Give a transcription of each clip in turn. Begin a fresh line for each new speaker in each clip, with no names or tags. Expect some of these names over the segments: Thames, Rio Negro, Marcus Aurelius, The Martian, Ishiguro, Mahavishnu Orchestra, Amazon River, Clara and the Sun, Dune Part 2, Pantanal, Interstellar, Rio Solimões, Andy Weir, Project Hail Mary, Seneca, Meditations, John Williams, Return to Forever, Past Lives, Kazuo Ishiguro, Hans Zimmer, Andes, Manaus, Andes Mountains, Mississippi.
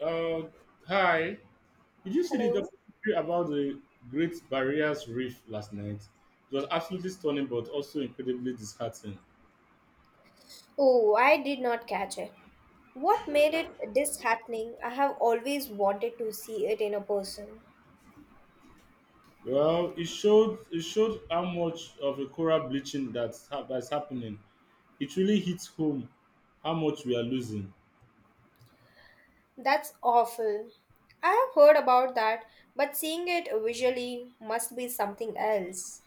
Uh, hi. Did you see the
Hello.
documentary about the Great Barriers Reef last night? It was absolutely stunning, but also incredibly disheartening.
Oh, I did not catch it. What made it disheartening? I have always wanted to see it in a person.
Well, it showed how much of a coral bleaching that's happening. It really hits home how much we are losing.
That's awful. I have heard about that, but seeing it visually must be something else.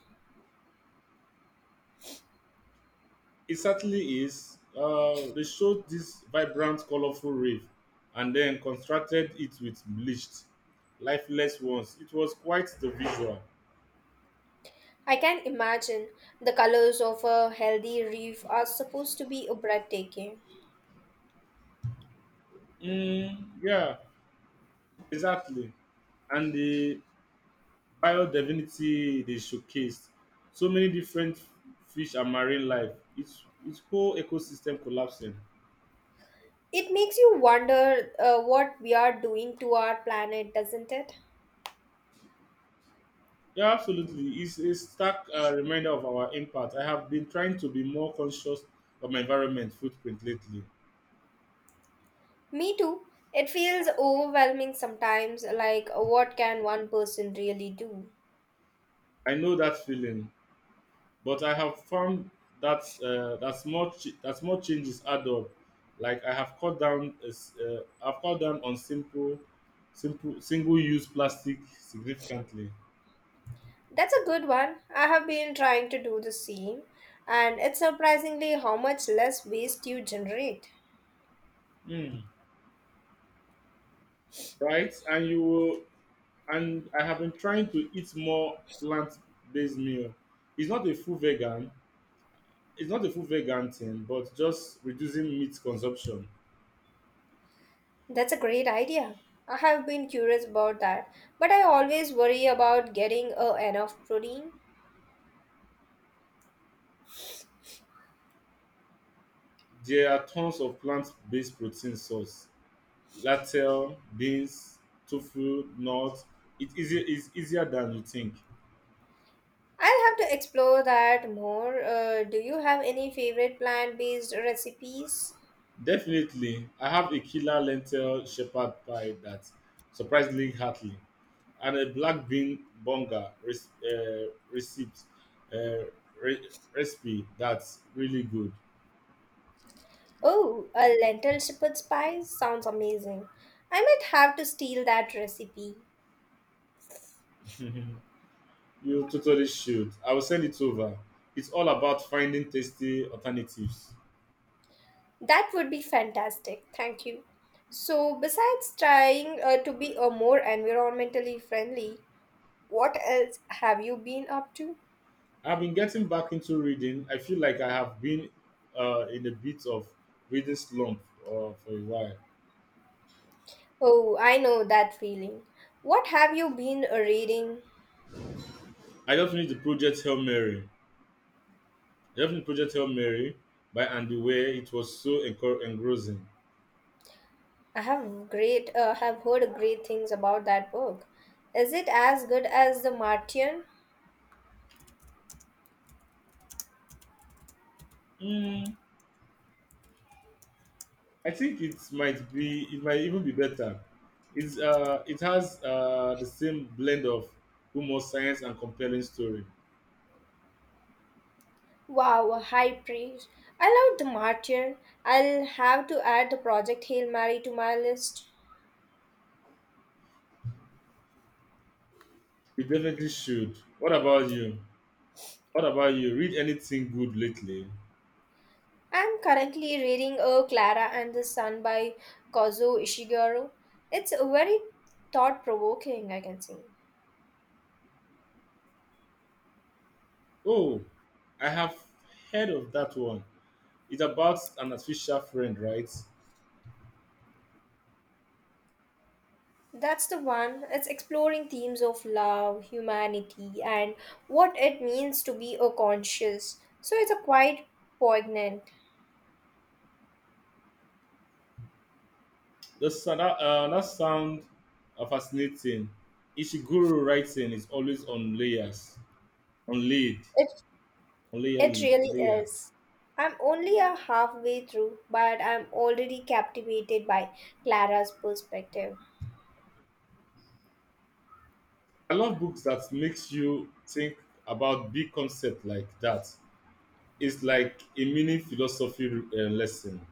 It certainly is. They showed this vibrant, colorful reef, and then constructed it with bleached, lifeless ones. It was quite the visual.
I can imagine the colors of a healthy reef are supposed to be breathtaking.
Mm, yeah. Exactly. And the biodiversity they showcased, so many different fish and marine life. It's its whole ecosystem collapsing.
It makes you wonder what we are doing to our planet, doesn't it?
Yeah, absolutely. It's a stark reminder of our impact. I have been trying to be more conscious of my environment footprint lately.
Me too. It feels overwhelming sometimes, like what can one person really do?
I know that feeling. But I have found that small changes add up. Like I have cut down I've cut down on simple single use plastic significantly.
That's a good one. I have been trying to do the same, and it's surprisingly how much less waste you generate.
Hmm. Right, and you will, and I have been trying to eat more plant based meal. It's not a full vegan. It's not a full vegan thing, but just reducing meat consumption.
That's a great idea. I have been curious about that, but I always worry about getting enough protein.
There are tons of plant based protein source lentil, beans, tofu, nuts. It's easier than you think.
I'll have to explore that more. Do you have any favorite plant based recipes?
Definitely, I have a killer lentil shepherd pie that surprisingly hearty, and a black bean bonga res- receipt uh, re- recipe that's really good.
Oh, a lentil shepherd's pie sounds amazing. I might have to steal that recipe.
you totally should. I will send it over. It's all about finding tasty alternatives.
That would be fantastic. Thank you. So, besides trying to be a more environmentally friendly, what else have you been up to?
I've been getting back into reading. I feel like I have been in a bit of reading slump for a while.
Oh, I know that feeling. What have you been reading?
I just finished the project Hail Mary. I just finished Project Hail Mary by Andy Weir. It was so engrossing.
I have great have heard great things about that book. Is it as good as The Martian?
Mm, I think it might be. It might even be better. It has the same blend of humor, science, and compelling story.
Wow, high praise. I love the Martyr. I'll have to add the Project Hail Mary to my list.
You definitely should. What about you? Read anything good lately?
I'm currently reading Clara and the Sun by Kazuo Ishiguro. It's very thought provoking, I can say.
Oh, I have heard of that one. It's about an artificial friend, right?
That's the one. It's exploring themes of love, humanity, and what it means to be a conscious. So it's a quite poignant.
That's, that, that sound fascinating. Ishiguro writing is always on layers, on laid,
It
on
It
layer,
really
layered.
is. I'm only a halfway through, but I'm already captivated by Clara's perspective.
I love books that makes you think about big concept like that. It's like a mini philosophy lesson.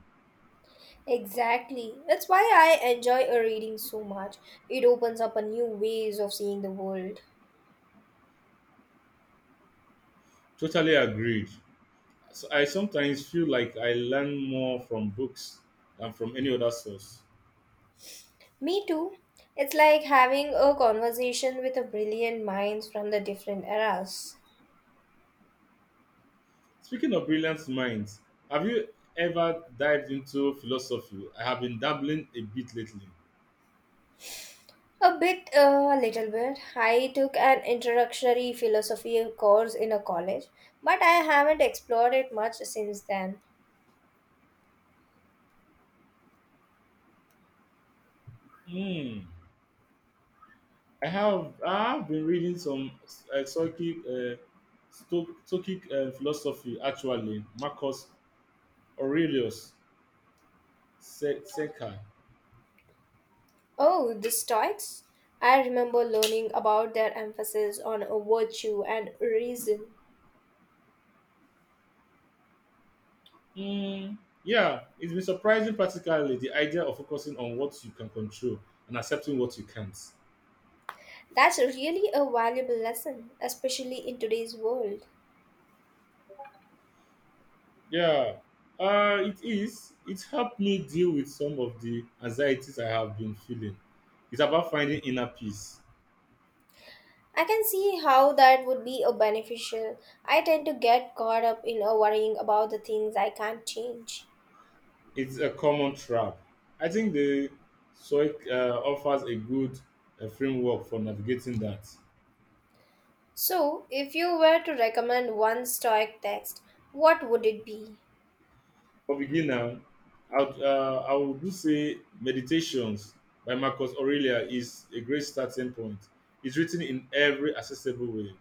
Exactly. That's why I enjoy a reading so much. It opens up a new ways of seeing the world.
Totally agreed. So I sometimes feel like I learn more from books than from any other source.
Me too. It's like having a conversation with a brilliant minds from the different eras.
Speaking of brilliant minds, have you ever dived into philosophy? I have been dabbling a bit lately.
A little bit. I took an introductory philosophy course in a college, but I haven't explored it much since then.
Hmm. I have been reading some uh, Stoic, uh, Stoic philosophy actually. Marcus Aurelius Seneca.
Oh, the Stoics? I remember learning about their emphasis on virtue and reason.
Hmm. Yeah, it's been surprising practically the idea of focusing on what you can control and accepting what you can't.
That's really a valuable lesson, especially in today's world.
Yeah, it is. It helped me deal with some of the anxieties I have been feeling. It's about finding inner peace.
I can see how that would be a beneficial. I tend to get caught up in a worrying about the things I can't change.
It's a common trap. I think the SOIC offers a good framework for navigating that.
So, if you were to recommend one Stoic text, what would it be?
For beginner, I would do say Meditations by Marcus Aurelia is a great starting point. It's written in every accessible way.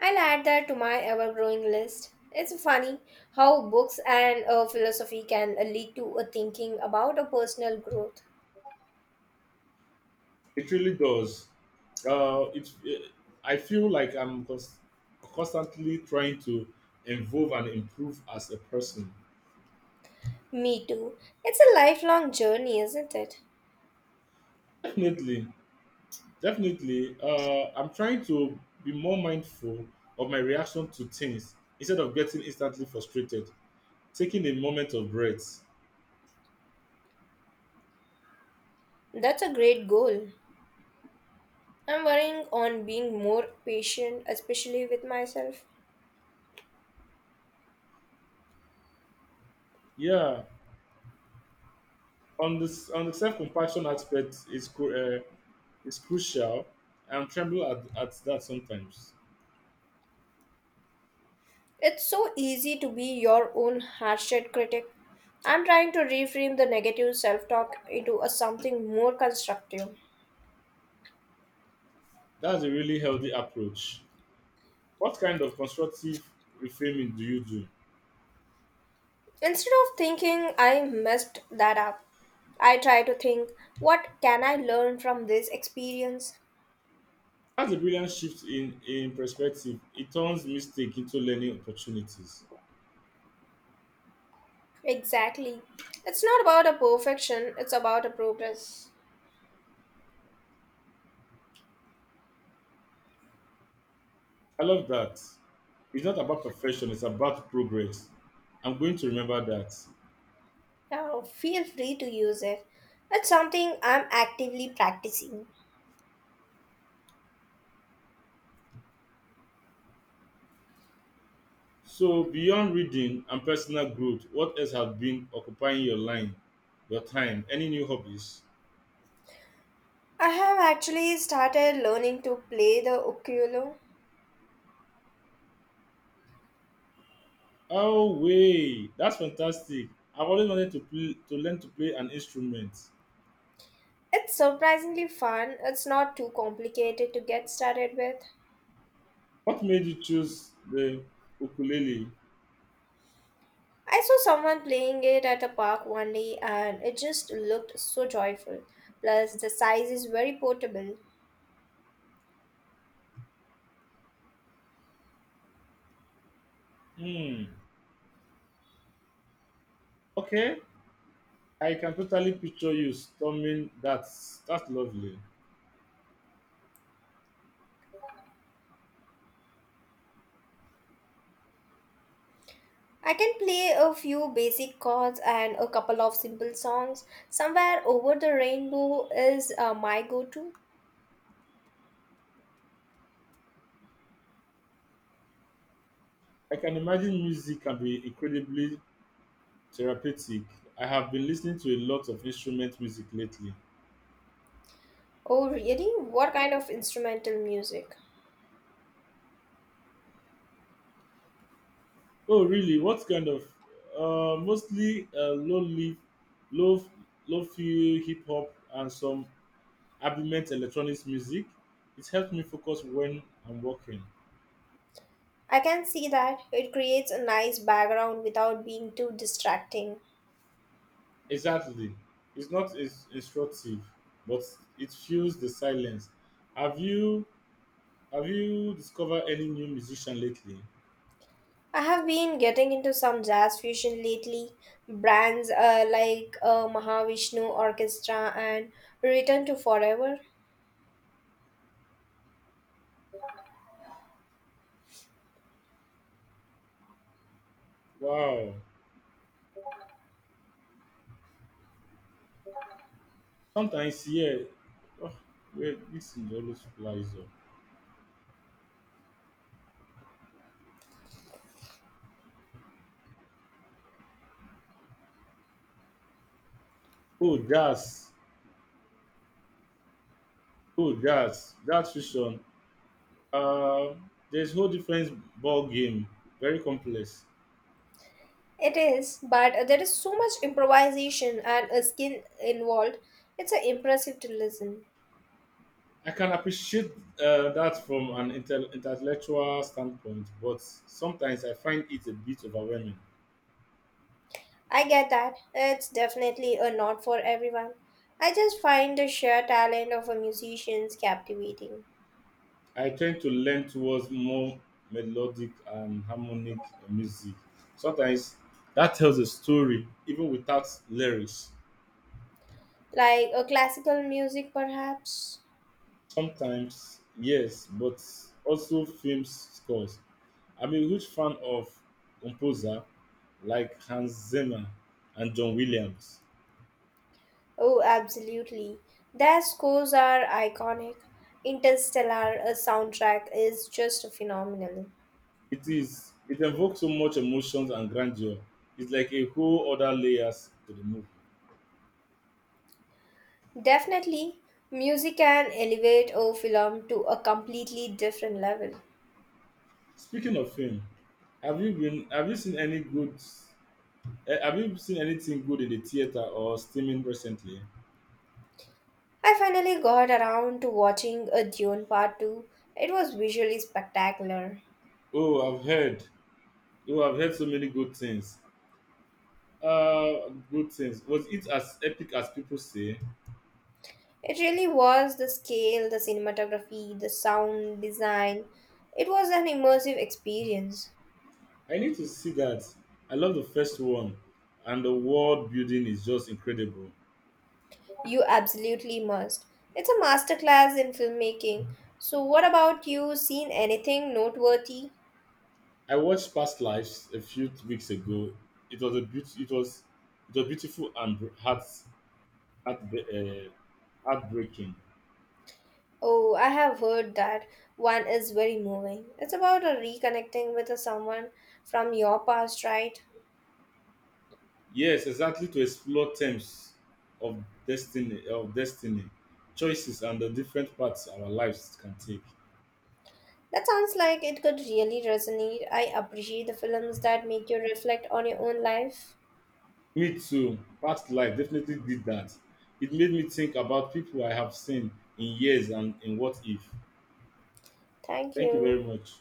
I'll add that to my ever growing list. It's funny how books and philosophy can lead to a thinking about a personal growth.
It really does. Uh, it, uh, I feel like I'm constantly trying to evolve and improve as a person.
Me too. It's a lifelong journey, isn't it?
Definitely, definitely. I'm trying to be more mindful of my reaction to things instead of getting instantly frustrated. Taking a moment of breath.
That's a great goal. I'm working on being more patient, especially with myself.
Yeah, on the self-compassion aspect is is crucial. I'm tremble at that sometimes.
It's so easy to be your own harshed critic. I'm trying to reframe the negative self talk into a something more constructive.
That's a really healthy approach. What kind of constructive reframing do you do?
Instead of thinking I messed that up, I try to think what can I learn from this experience?
That's a brilliant shift in perspective. It turns mistake into learning opportunities.
Exactly. It's not about a perfection, it's about a progress.
I love that. It's not about perfection, it's about progress. I'm going to remember that.
Now, feel free to use it. It's something I'm actively practicing.
So beyond reading and personal growth, what else has been your time? Any new hobbies?
I have actually started learning to play the ukulele.
Oh way, that's fantastic. I've always wanted to play, to learn to play an instrument.
It's surprisingly fun, it's not too complicated to get started with.
What made you choose the ukulele?
I saw someone playing it at a park one day and it just looked so joyful. Plus, the size is very portable.
Hmm. Okay, I can totally picture you storming. That's lovely.
I can play a few basic chords and a couple of simple songs. Somewhere over the rainbow is my go to.
I can imagine music can be incredibly therapeutic. I have been listening to a lot of instrument music lately.
Oh, really? What kind of instrumental music?
Oh, really? What kind of? Mostly low leaf, low low-fi hip hop and some ambient electronic music. It helps me focus when I'm working.
I can see that. It creates a nice background without being too distracting.
Exactly. It's not as instructive, but it fuels the silence. Have you Have you discovered any new musician lately?
I have been getting into some jazz fusion lately. Brands like Mahavishnu Orchestra and Return to Forever.
Wow. Sometimes, yeah. Oh, wait, this is always flies up. Oh, jazz. Jazz fusion. Uh, there's whole different ball game. Very complex.
It is, but there is so much improvisation and skill involved. It's impressive to listen.
I can appreciate that from an intellectual standpoint, but sometimes I find it a bit overwhelming.
I get that. It's definitely a not for everyone. I just find the sheer talent of a musician's captivating.
I tend to lean towards more melodic and harmonic music. Sometimes that tells a story even without lyrics.
Like a classical music, perhaps.
Sometimes, yes, but also film scores. I'm a huge fan of composer like Hans Zimmer and John Williams.
Oh, absolutely. Their scores are iconic. Interstellar soundtrack is just phenomenal.
It evokes so much emotions and grandeur. It's like a whole other layers to the movie.
Definitely, music can elevate a film to a completely different level.
Speaking of film, have you been have you seen any good Eh, Have you seen anything good in the theater or streaming recently?
I finally got around to watching a Dune Part 2. It was visually spectacular.
Oh, I've heard. Oh, I've heard so many good things. Was it as epic as people say?
It really was the scale, the cinematography, the sound design. It was an immersive experience.
I need to see that. I love the first one, and the world building is just incredible.
You absolutely must. It's a masterclass in filmmaking. So, what about you? Seen anything noteworthy?
I watched Past Lives a few weeks ago. It was a beaut. It was beautiful and heart uh, heartbreaking.
Oh, I have heard that one is very moving. It's about a reconnecting with a someone from your past, right?
Yes, exactly to explore terms of destiny, choices and the different paths our lives can take.
That sounds like it could really resonate. I appreciate the films that make you reflect on your own life.
Me too, past life definitely did that. It made me think about people I have seen in years and in what if.
Thank
Thank you very
you.
much.